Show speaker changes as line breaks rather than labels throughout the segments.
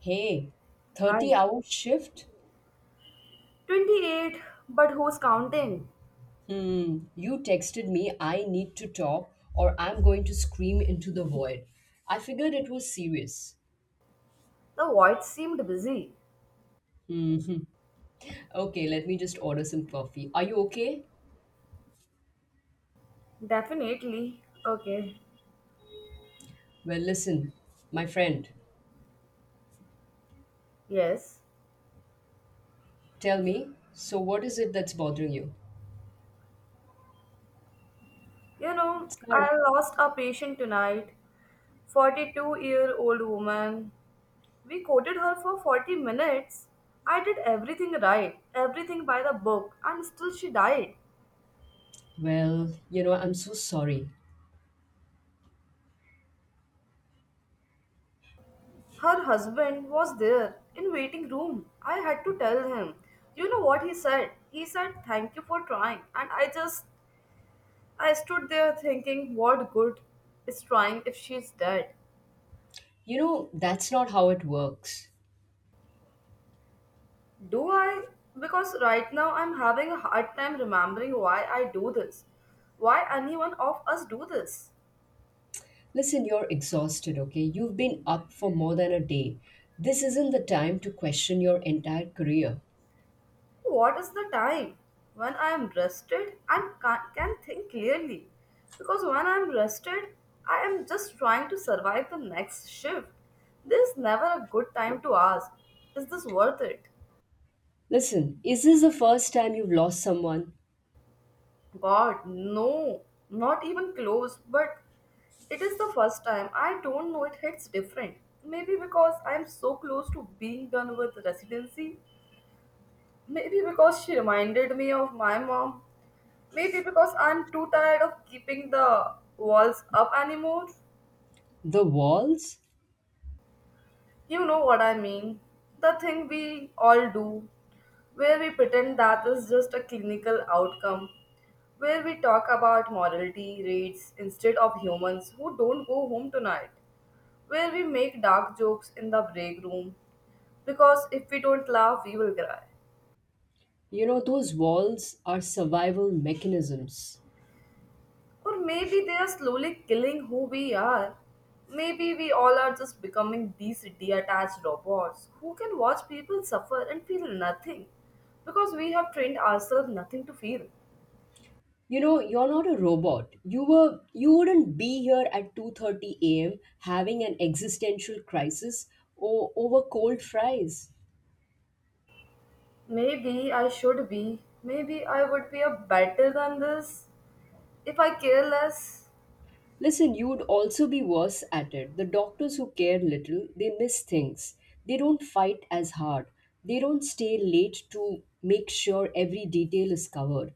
Hey, 30
Hi.
hour shift?
28, but who's counting?
You texted me, I need to talk, or I'm going to scream into the void. I figured it was serious.
The void seemed busy.
Okay, let me just order some coffee. Are you okay?
Definitely. Okay.
Well, listen, my friend,
Yes.
tell me, so what is it that's bothering you?
You know,
Sarah.
I lost a patient tonight. 42-year-old woman. We quoted her for 40 minutes. I did everything right, everything by the book, and still she died.
Well, you know, I'm so sorry.
Her husband was there in waiting room. I had to tell him. You know what he said? He said, "Thank you for trying." And I just I stood there thinking, what good is trying if she's dead?
You know, that's not how it works.
Do I? Because right now I'm having a hard time remembering why I do this. Why anyone of us do this?
Listen, you're exhausted, okay? You've been up for more than a day. This isn't the time to question your entire career.
What is the time? When I am rested and can think clearly. Because when I am rested, I am just trying to survive the next shift. There is never a good time to ask, is this worth it?
Listen, is this the first time you've lost someone?
God, no, not even close. But it is the first time. I don't know, it hits different. Maybe because I'm so close to being done with residency. Maybe because she reminded me of my mom. Maybe because I'm too tired of keeping the walls up anymore.
The walls?
You know what I mean? The thing we all do, where we pretend that is just a clinical outcome, where we talk about morality rates instead of humans who don't go home tonight, where we make dark jokes in the break room because if we don't laugh, we will cry.
You know, those walls are survival mechanisms.
Or maybe they are slowly killing who we are. Maybe we all are just becoming these detached robots who can watch people suffer and feel nothing because we have trained ourselves nothing to feel.
You know, you're not a robot. You wouldn't be here at 2:30 a.m. having an existential crisis or over cold fries.
Maybe I should be. Maybe I would be a better than this if I care less.
Listen, you'd also be worse at it. The doctors who care little, they miss things. They don't fight as hard. They don't stay late to make sure every detail is covered.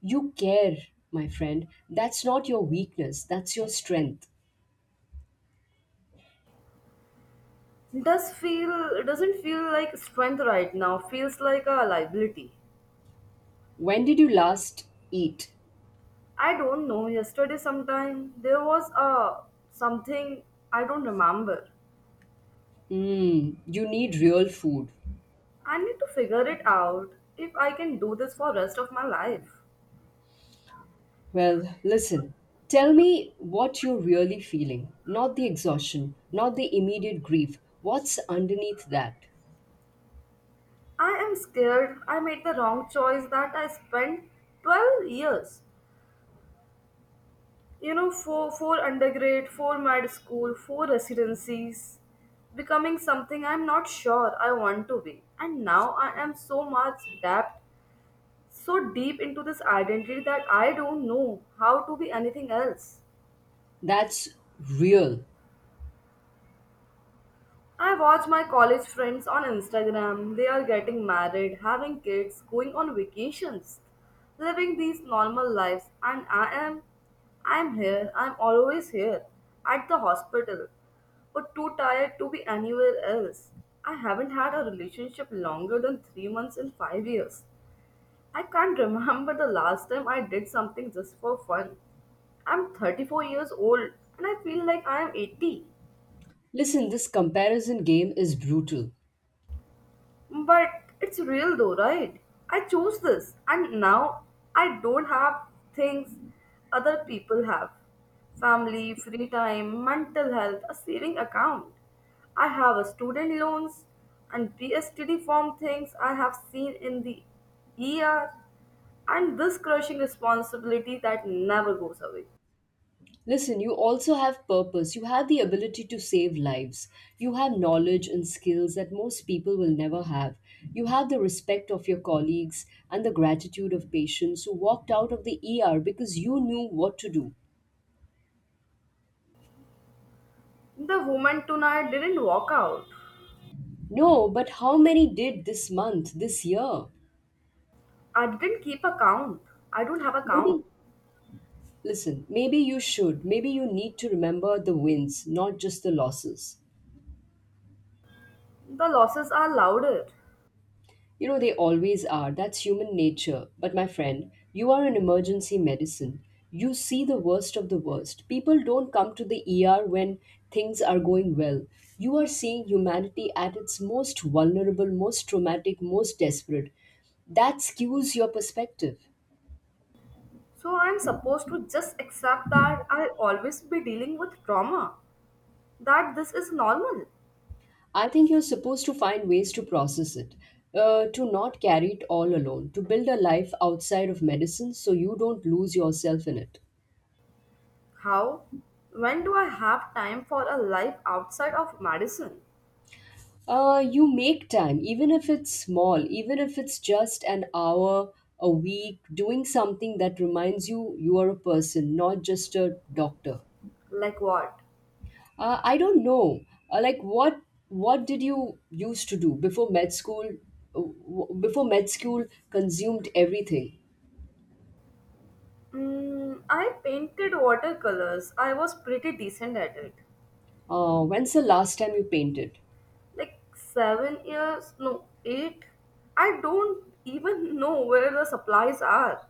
You care, my friend. That's not your weakness, that's your strength.
Does feel doesn't feel like strength right now. Feels like a liability.
When did you last eat?
I don't know. Yesterday, sometime there was a something I don't remember.
You need real food.
I need to figure it out if I can do this for rest of my life.
Well, listen. Tell me what you're really feeling. Not the exhaustion, not the immediate grief. What's underneath that?
I am scared I made the wrong choice that I spent 12 years. You know, four undergrad, four med school, four residencies, becoming something I'm not sure I want to be. And now I am so much deep, so deep into this identity that I don't know how to be anything else.
That's real.
I watch my college friends on Instagram. They are getting married, having kids, going on vacations, living these normal lives, and I am I'm here. I'm always here at the hospital, but too tired to be anywhere else. I haven't had a relationship longer than 3 months in 5 years. I can't remember the last time I did something just for fun. I'm 34 years old and I feel like I am 80.
Listen, this comparison game is brutal.
But it's real though, right? I chose this and now I don't have things other people have. Family, free time, mental health, a saving account. I have a student loans and PSTD form things I have seen in the ER and this crushing responsibility that never goes away.
Listen, you also have purpose. You have the ability to save lives. You have knowledge and skills that most people will never have. You have the respect of your colleagues and the gratitude of patients who walked out of the ER because you knew what to do.
The woman tonight didn't walk out.
No, but how many did this month, this year?
I didn't keep account. I don't have account.
Maybe, listen, maybe you should. Maybe you need to remember the wins, not just the losses.
The losses are louder.
You know, they always are. That's human nature. But my friend, you are an emergency medicine. You see the worst of the worst. People don't come to the ER when things are going well. You are seeing humanity at its most vulnerable, most traumatic, most desperate. That skews your perspective.
So I'm supposed to just accept that I'll always be dealing with trauma, that this is normal.
I think you're supposed to find ways to process it, to not carry it all alone, to build a life outside of medicine so you don't lose yourself in it.
How? When do I have time for a life outside of medicine?
You make time, even if it's small, even if it's just an hour a week, doing something that reminds you you are a person, not just a doctor.
Like what?
I don't know. Like what did you used to do before med school? Before med school consumed everything.
I painted watercolors. I was pretty decent at it.
When's the last time you painted?
Like 7 years, no, eight. I don't even know where the supplies are.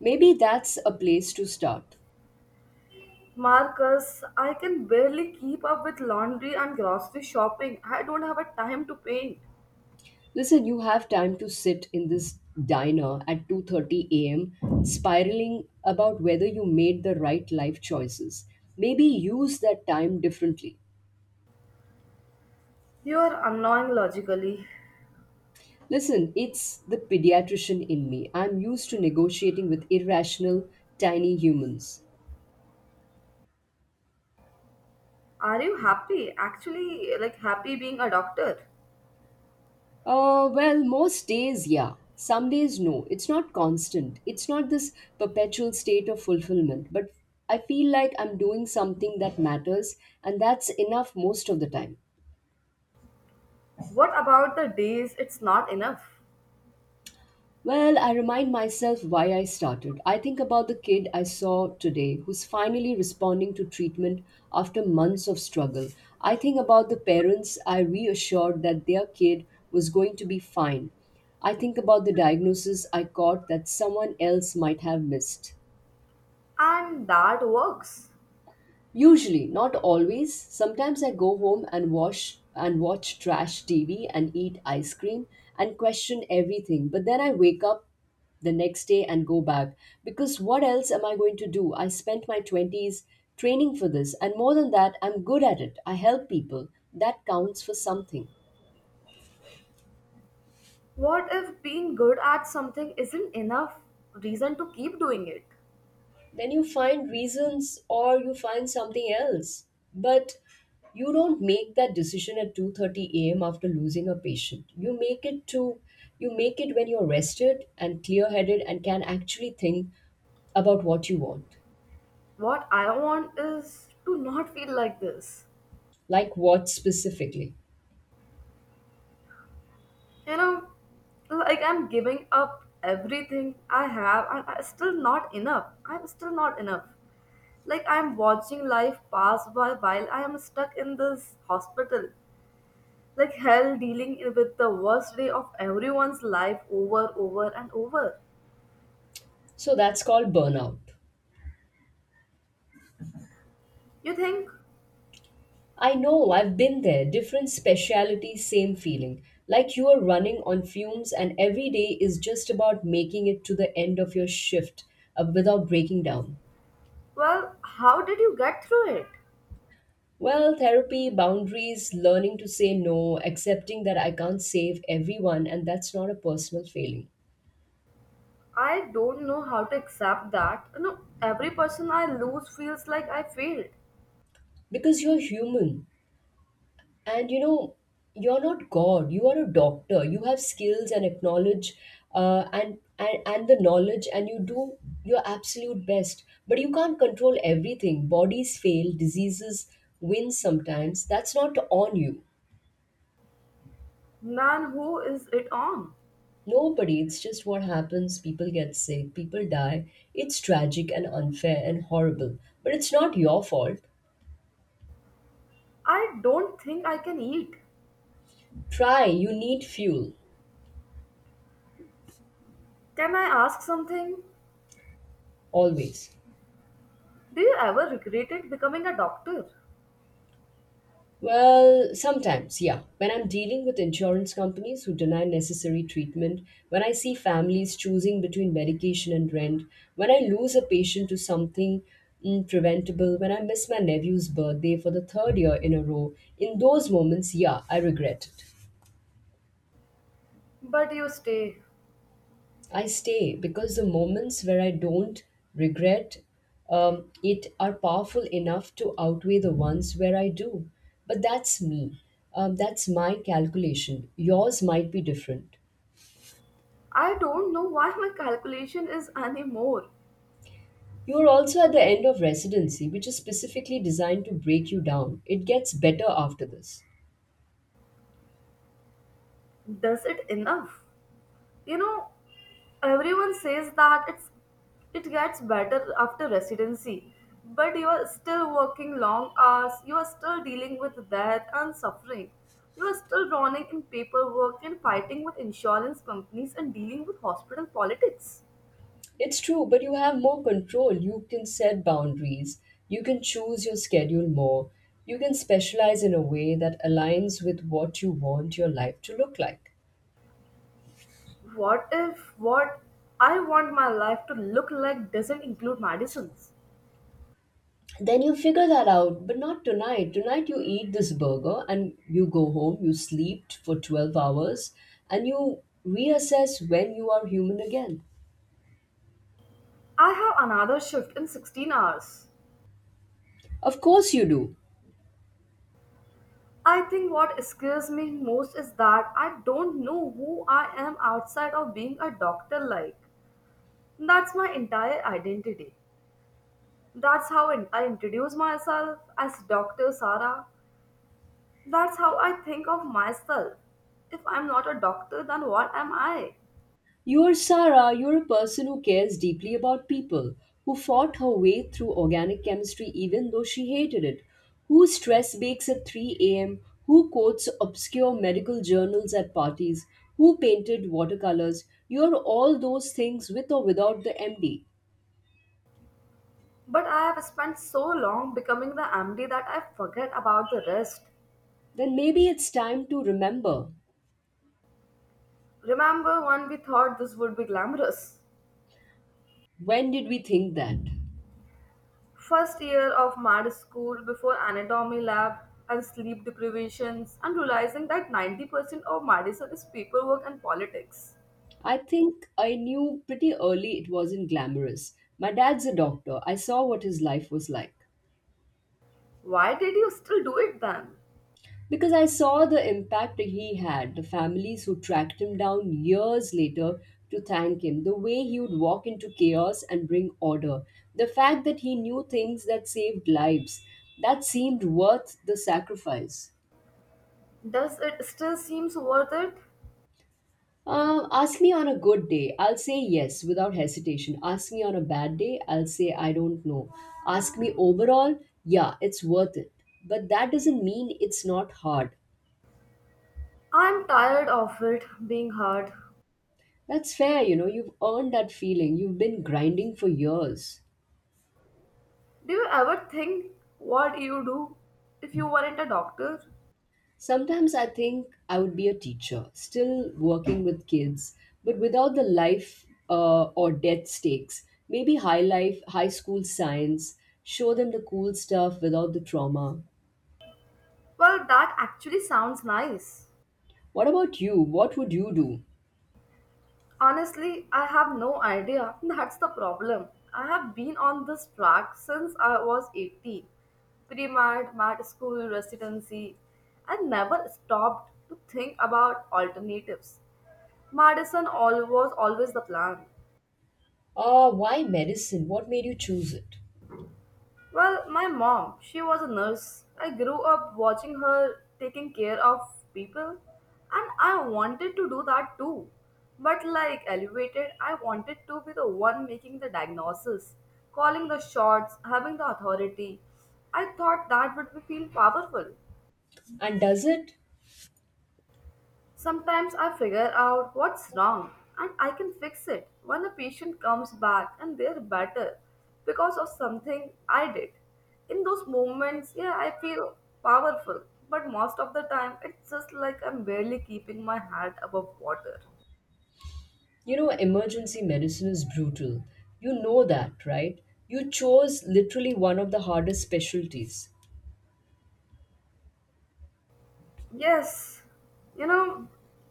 Maybe that's a place to start.
Marcus, I can barely keep up with laundry and grocery shopping. I don't have a time to paint.
Listen, you have time to sit in this diner at 2:30 a.m. spiraling about whether you made the right life choices. Maybe use that time differently.
You are annoying logically.
Listen, it's the pediatrician in me. I'm used to negotiating with irrational tiny humans.
Are you happy? Actually, like happy being a doctor?
Well, most days, yeah. Some days, no. It's not constant. It's not this perpetual state of fulfillment, but I feel like I'm doing something that matters, and that's enough most of the time.
What about the days it's not enough?
Well, I remind myself why I started. I think about the kid I saw today who's finally responding to treatment after months of struggle. I think about the parents I reassured that their kid was going to be fine. I think about the diagnosis I caught that someone else might have missed.
And that works.
Usually, not always. Sometimes I go home and wash and watch trash TV and eat ice cream and question everything. But then I wake up the next day and go back because what else am I going to do? I spent my 20s training for this and more than that, I'm good at it. I help people. That counts for something.
What if being good at something isn't enough reason to keep doing it?
Then you find reasons or you find something else, but you don't make that decision at 2:30 a.m. after losing a patient. You make it when you're rested and clear-headed and can actually think about what you want.
What I want is to not feel like this.
Like what specifically?
You know, like I'm giving up everything I have and I'm still not enough. I'm still not enough. Like I'm watching life pass by while I am stuck in this hospital. Like hell dealing with the worst day of everyone's life over, and over.
So that's called burnout.
You think,
I know, I've been there. Different speciality, same feeling. Like you are running on fumes, and every day is just about making it to the end of your shift without breaking down.
well, how did you get through it?
Well, therapy, boundaries, learning to say no, accepting that I can't save everyone, and that's not a personal failing.
I don't know how to accept that. You know, every person I lose feels like I failed.
Because you're human. And you know, you're not God. You are a doctor. You have skills and acknowledge and the knowledge, and you do your absolute best. But you can't control everything. Bodies fail, diseases win sometimes. That's not on you.
Man, who is it on?
Nobody, it's just what happens. People get sick, people die. It's tragic and unfair and horrible. But it's not your fault.
I don't think I can eat.
Try, you need fuel,
Can I ask something?
always.
Do you ever regretted becoming a doctor?
Well, sometimes, yeah. When I'm dealing with insurance companies who deny necessary treatment, when I see families choosing between medication and rent, when I lose a patient to something preventable, when I miss my nephew's birthday for the third year in a row, in those moments, yeah, I regret it.
But you stay.
I stay because the moments where I don't regret it are powerful enough to outweigh the ones where I do. But that's me. That's my calculation. Yours might be different.
I don't know why my calculation is anymore.
You are also at the end of residency, which is specifically designed to break you down. It gets better after this.
Does it enough? You know, everyone says that it gets better after residency, but you are still working long hours, you are still dealing with death and suffering. You are still drowning in paperwork and fighting with insurance companies and dealing with hospital politics.
It's true, but you have more control. You can set boundaries. You can choose your schedule more. You can specialize in a way that aligns with what you want your life to look like.
What if what I want my life to look like doesn't include medicines?
Then you figure that out, but not tonight. Tonight you eat this burger and you go home. You sleep for 12 hours and you reassess when you are human again.
I have another shift in 16 hours.
Of course you do.
I think what scares me most is that I don't know who I am outside of being a doctor like. That's my entire identity. That's how I introduce myself as Dr. Sarah. That's how I think of myself. If I'm not a doctor, then what am I?
You're Sarah. You're a person who cares deeply about people, who fought her way through organic chemistry even though she hated it, who stress bakes at 3 a.m., who quotes obscure medical journals at parties, who painted watercolors. You're all those things with or without the MD.
But I have spent so long becoming the MD that I forget about the rest.
Then maybe it's time to remember.
Remember when we thought this would be glamorous?
When did we think that?
First year of med school before anatomy lab and sleep deprivations and realizing that 90% of medicine is paperwork and politics.
I think I knew pretty early it wasn't glamorous. My dad's a doctor. I saw what his life was like.
Why did you still do it then?
Because I saw the impact he had, the families who tracked him down years later to thank him, the way he would walk into chaos and bring order, the fact that he knew things that saved lives, that seemed worth the sacrifice.
Does it still seems worth it?
Ask me on a good day. I'll say yes without hesitation. Ask me on a bad day. I'll say I don't know. Ask me overall. Yeah, it's worth it. But that doesn't mean it's not hard.
I'm tired of it being hard.
That's fair, you know. You've earned that feeling. You've been grinding for years.
Do you ever think what you do if you weren't a doctor?
Sometimes I think I would be a teacher, still working with kids, but without the life or death stakes. Maybe high school science, show them the cool stuff without the trauma.
Well, that actually sounds nice.
What about you? What would you do?
Honestly, I have no idea. That's the problem. I have been on this track since I was 18. Pre-med, med school, residency. I never stopped to think about alternatives. Was always the plan.
Why medicine? What made you choose it?
Well, my mom, she was a nurse. I grew up watching her taking care of people, and I wanted to do that too. But like elevated, I wanted to be the one making the diagnosis, calling the shots, having the authority. I thought that would be feel powerful.
And does it?
Sometimes I figure out what's wrong and I can fix it when a patient comes back and they're better because of something I did. In those moments, yeah, I feel powerful, but most of the time, it's just like I'm barely keeping my head above water.
You know, emergency medicine is brutal. You know that, right? You chose literally one of the hardest specialties.
Yes, you know,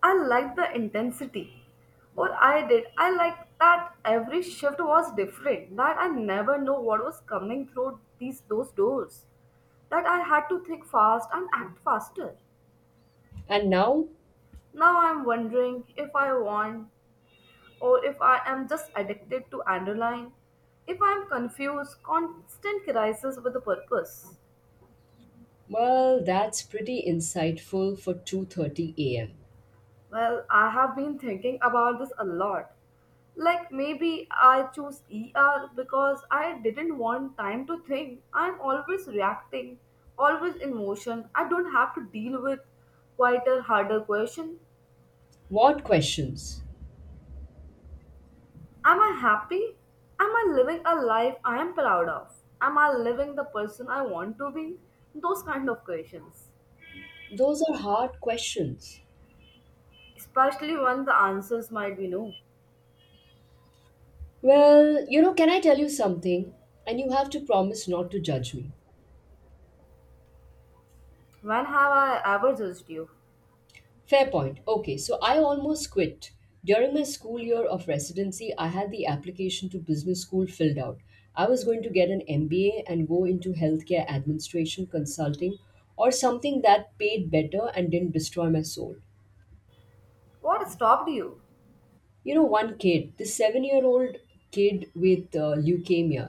I liked the intensity. Or I did. I liked that every shift was different. That I never know what was coming through these those doors. That I had to think fast and act faster.
And now?
Now I'm wondering if I want or if I am just addicted to adrenaline. If I'm confused, constant crisis with a purpose.
Well, that's pretty insightful for 2:30 a.m.
Well, I have been thinking about this a lot. Like maybe I choose ER because I didn't want time to think. I'm always reacting, always in motion. I don't have to deal with quieter, harder question.
What questions?
Am I happy? Am I living a life I am proud of? Am I living the person I want to be? Those kind of questions.
Those are hard questions.
Especially when the answers might be no.
Well, you know, can I tell you something? And you have to promise not to judge me.
When have I ever judged you?
Fair point. Okay, so I almost quit. During my school year of residency, I had the application to business school filled out. I was going to get an MBA and go into healthcare administration consulting or something that paid better and didn't destroy my soul.
What stopped you?
You know, one kid, this 7-year-old kid with leukemia.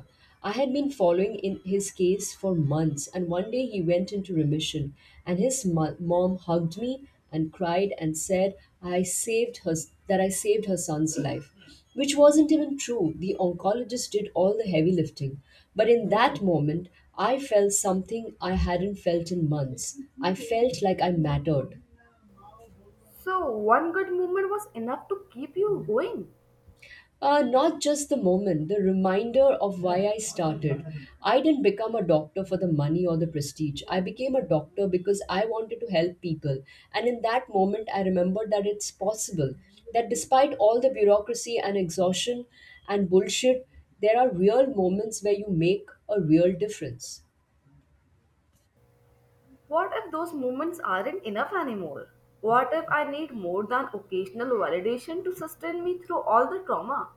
I had been following in his case for months, and one day he went into remission, and his mom hugged me and cried and said I saved her, that I saved her son's life, which wasn't even true. The oncologist did all the heavy lifting, but in that moment I felt something I hadn't felt in months. I felt like I mattered.
So, one good movement was enough to keep you going.
Not just the moment, the reminder of why I started. I didn't become a doctor for the money or the prestige. I became a doctor because I wanted to help people. And in that moment, I remembered that it's possible, that despite all the bureaucracy and exhaustion and bullshit, there are real moments where you make a real difference.
What if those movements aren't enough anymore? What if I need more than occasional validation to sustain me through all the trauma?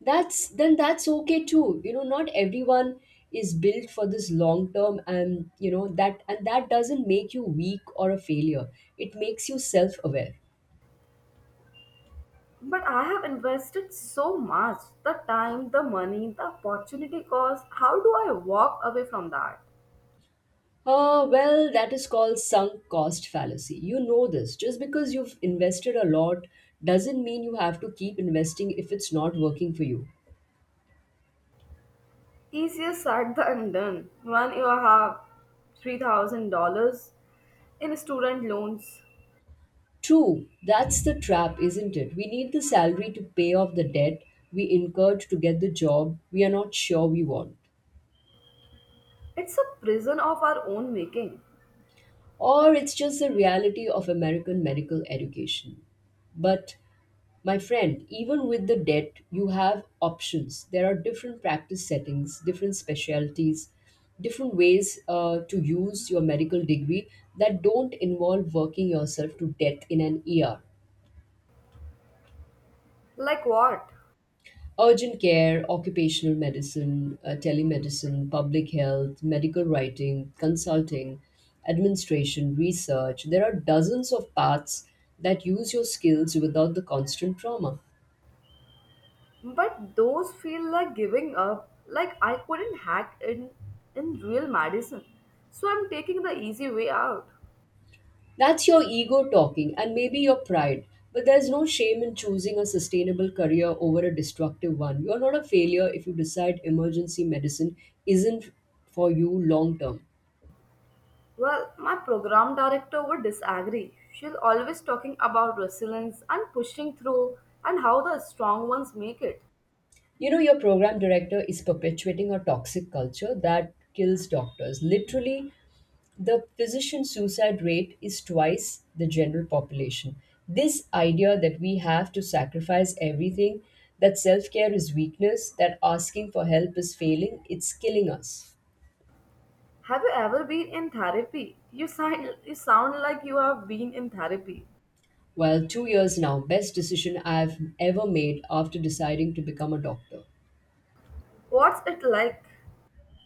That's okay too. You know, not everyone is built for this long term, and you know that, and that doesn't make you weak or a failure. It makes you self aware.
But I have invested so much the time, the money, the opportunity cost. How do I walk away from that?
Well, that is called sunk cost fallacy. You know this, just because you've invested a lot doesn't mean you have to keep investing if it's not working for you.
Easier said than done. When you have $3,000 in student loans,
True, that's the trap, isn't it? We need the salary to pay off the debt we incurred to get the job we are not sure we want.
it's a prison of our own making.
Or it's just the reality of American medical education. But my friend, even with the debt, you have options. There are different practice settings, different specialties, different ways to use your medical degree that don't involve working yourself to death in an ER.
Like what?
Urgent care, occupational medicine, telemedicine, public health, medical writing, consulting, administration, research. There are dozens of paths that use your skills without the constant trauma.
But those feel like giving up, like I couldn't hack in real medicine. So I'm taking the easy way out.
That's your ego talking and maybe your pride. But there's no shame in choosing a sustainable career over a destructive one. You're not a failure if you decide emergency medicine isn't for you long term.
Well, my program director would disagree. She's always talking about resilience and pushing through and how the strong ones make it.
You know, your program director is perpetuating a toxic culture that kills doctors. Literally, the physician suicide rate is twice the general population. This idea that we have to sacrifice everything, that self care is weakness, that asking for help is failing, it's killing us.
Have you ever been in therapy? You sound like you have been in therapy.
Well, 2 years now, best decision I've ever made after deciding to become a doctor.
What's it like?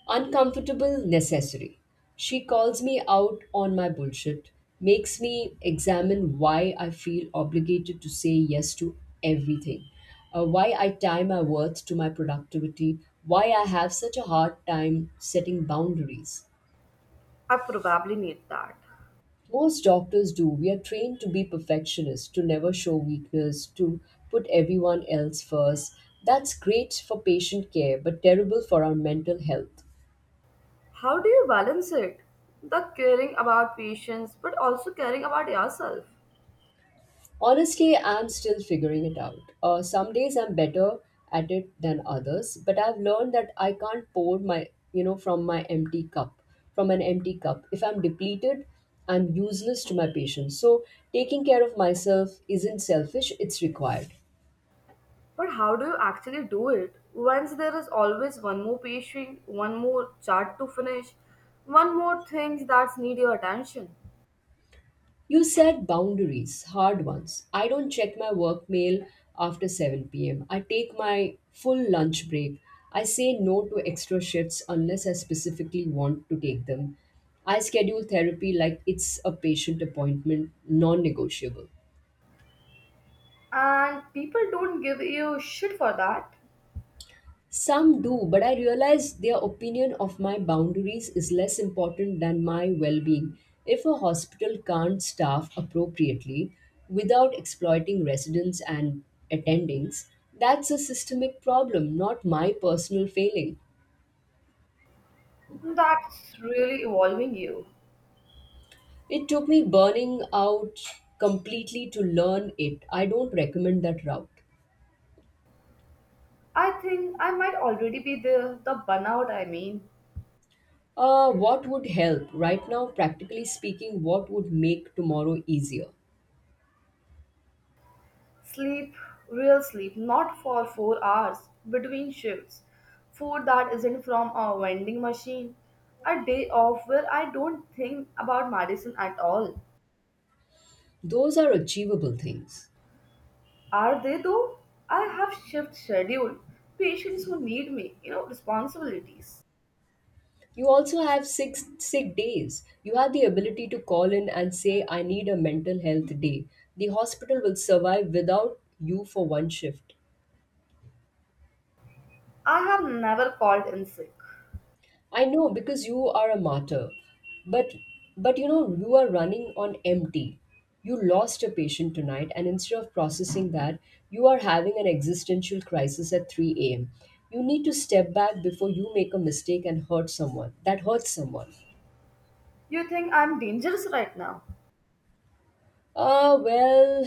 Uncomfortable, necessary. She calls me out on my bullshit, makes me examine why I feel obligated to say yes to everything, why I tie my worth to my productivity, why I have such a hard time setting boundaries.
I probably need that.
Most doctors do. We are trained to be perfectionists, to never show weakness, to put everyone else first. That's great for patient care, but terrible for our mental health.
How do you balance it? The caring about patients, but also caring about yourself.
Honestly, I'm still figuring it out. Some days I'm better at it than others, but I've learned that I can't pour my, you know, from my empty cup, from an empty cup. If I'm depleted, I'm useless to my patients. So taking care of myself isn't selfish, it's required.
But how do you actually do it? Once there is always one more patient, one more chart to finish, one more thing that need your attention.
You set boundaries, hard ones. I don't check my work mail after 7 pm. I take my full lunch break. I say no to extra shifts unless I specifically want to take them. I schedule therapy like it's a patient appointment, non negotiable.
And people don't give you shit for that.
Some do, but I realize their opinion of my boundaries is less important than my well being. If a hospital can't staff appropriately without exploiting residents and attendings, that's a systemic problem, not my personal failing.
That's really evolving you.
It took me burning out completely to learn it. I don't recommend that route.
I think I might already be there, the burnout I mean.
What would help? Right now, practically speaking, what would make tomorrow easier?
Sleep, real sleep, not for 4 hours between shifts. Food that isn't from a vending machine. A day off where I don't think about medicine at all.
Those are achievable things.
Are they though? I have shift schedule, patients who need me, you know, responsibilities.
You also have six sick days. You have the ability to call in and say, I need a mental health day. The hospital will survive without you for one shift.
I have never called in sick.
I know because you are a martyr, but you know you are running on empty. You lost a patient tonight, and instead of processing that, you are having an existential crisis at 3 a.m. You need to step back before you make a mistake and hurt someone. That hurts someone.
You think I'm dangerous right now.
Ah, well,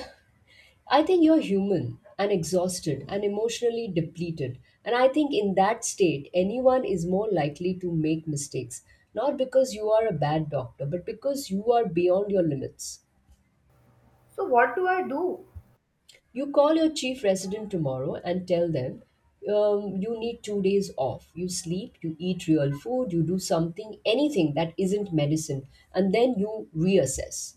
I think you're human and exhausted and emotionally depleted. And I think in that state, anyone is more likely to make mistakes, not because you are a bad doctor, but because you are beyond your limits.
So what do?
You call your chief resident tomorrow and tell them you need 2 days off. You sleep, you eat real food, you do something, anything that isn't medicine, and then you reassess.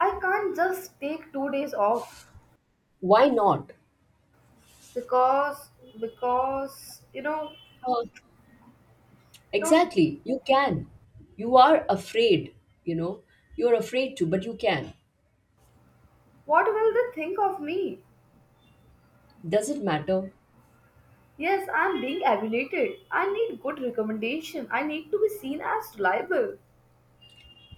I can't just take 2 days off
Why not?
because because you know
Uh,
I don't
Exactly, you can. You are afraid, you know. You're afraid to, but you can.
What will they think of me?
Does it matter?
Yes, I am being evaluated. I need good recommendation. I need to be seen as reliable.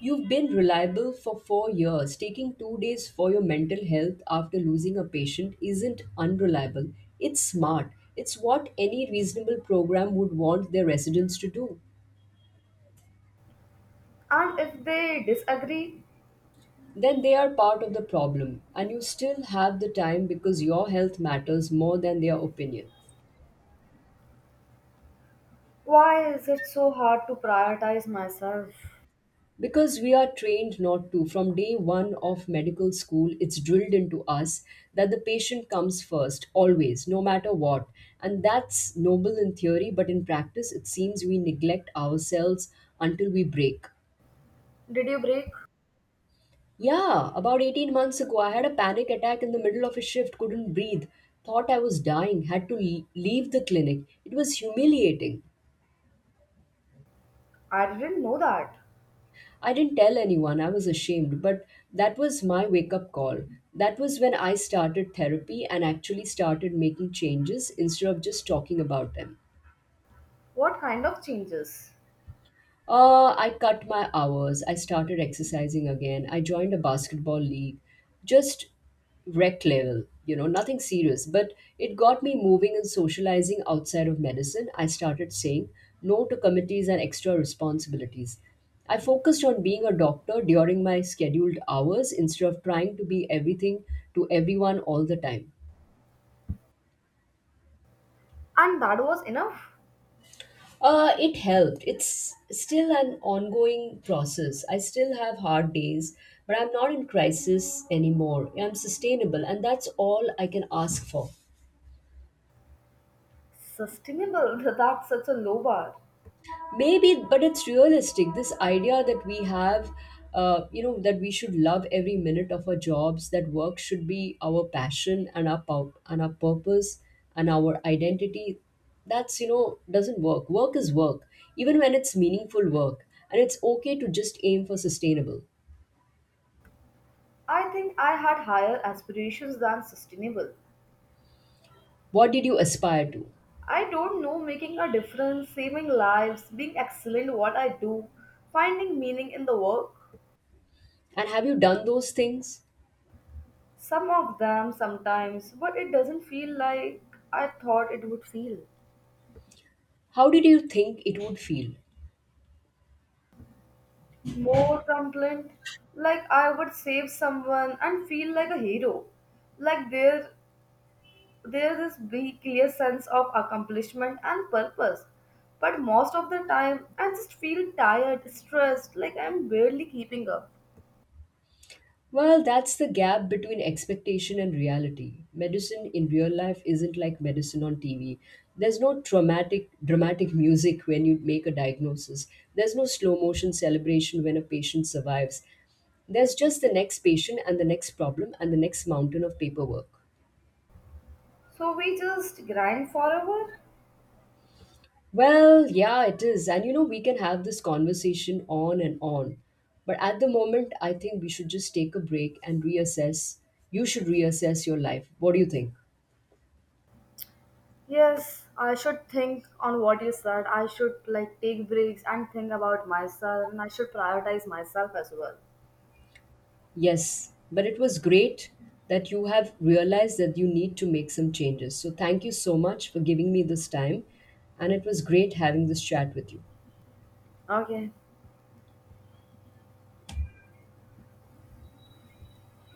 You've been reliable for 4 years. Taking 2 days for your mental health after losing a patient isn't unreliable. It's smart. It's what any reasonable program would want their residents to do.
And if they disagree,
Then they are part of the problem, and you still have the time because your health matters more than their opinion.
why is it so hard to prioritize myself?
Because we are trained not to. From day one of medical school, it's drilled into us that the patient comes first, always, no matter what. And that's noble in theory, but in practice, it seems we neglect ourselves until we break.
Did you break?
Yeah, about 18 months ago, I had a panic attack in the middle of a shift, couldn't breathe, thought I was dying, leave the clinic. It was humiliating.
I didn't know that.
I didn't tell anyone, I was ashamed, but that was my wake up call. That was when I started therapy and actually started making changes instead of just talking about them.
What kind of changes?
I cut my hours. I started exercising again. I joined a basketball league. Just rec level, you know, nothing serious. But it got me moving and socializing outside of medicine. I started saying no to committees and extra responsibilities. I focused on being a doctor during my scheduled hours instead of trying to be everything to everyone all the time.
And that was enough.
It helped. It's still an ongoing process. I still have hard days, but I'm not in crisis anymore. I'm sustainable, and that's all I can ask for.
Sustainable, that's such a low bar.
Maybe, but it's realistic. This idea that we have, that we should love every minute of our jobs, that work should be our passion and our purpose and our identity. That's you know doesn't work. Work is work, even when it's meaningful work, and it's okay to just aim for sustainable.
I think I had higher aspirations than sustainable.
What did you aspire to?
I don't know, making a difference, saving lives, being excellent at what I do, finding meaning in the work.
And have you done those things?
Some of them sometimes, but it doesn't feel like I thought it would feel.
How did you think it would feel?
More truculent, like I would save someone and feel like a hero. Like there's this big clear sense of accomplishment and purpose. But most of the time, I just feel tired, stressed, like I'm barely keeping up.
Well, that's the gap between expectation and reality. Medicine in real life isn't like medicine on TV. There's no traumatic, dramatic music when you make a diagnosis. There's no slow motion celebration when a patient survives. There's just the next patient and the next problem and the next mountain of paperwork.
So we just grind forever.
Well, yeah, it is. And you know, we can have this conversation on and on. But at the moment, I think we should just take a break and reassess. You should reassess your life. What do you think?
Yes, I should think on what you said. I should like take breaks and think about myself and I should prioritize myself as well.
Yes, but it was great that you have realized that you need to make some changes. So thank you so much for giving me this time. And it was great having this chat with you.
Okay.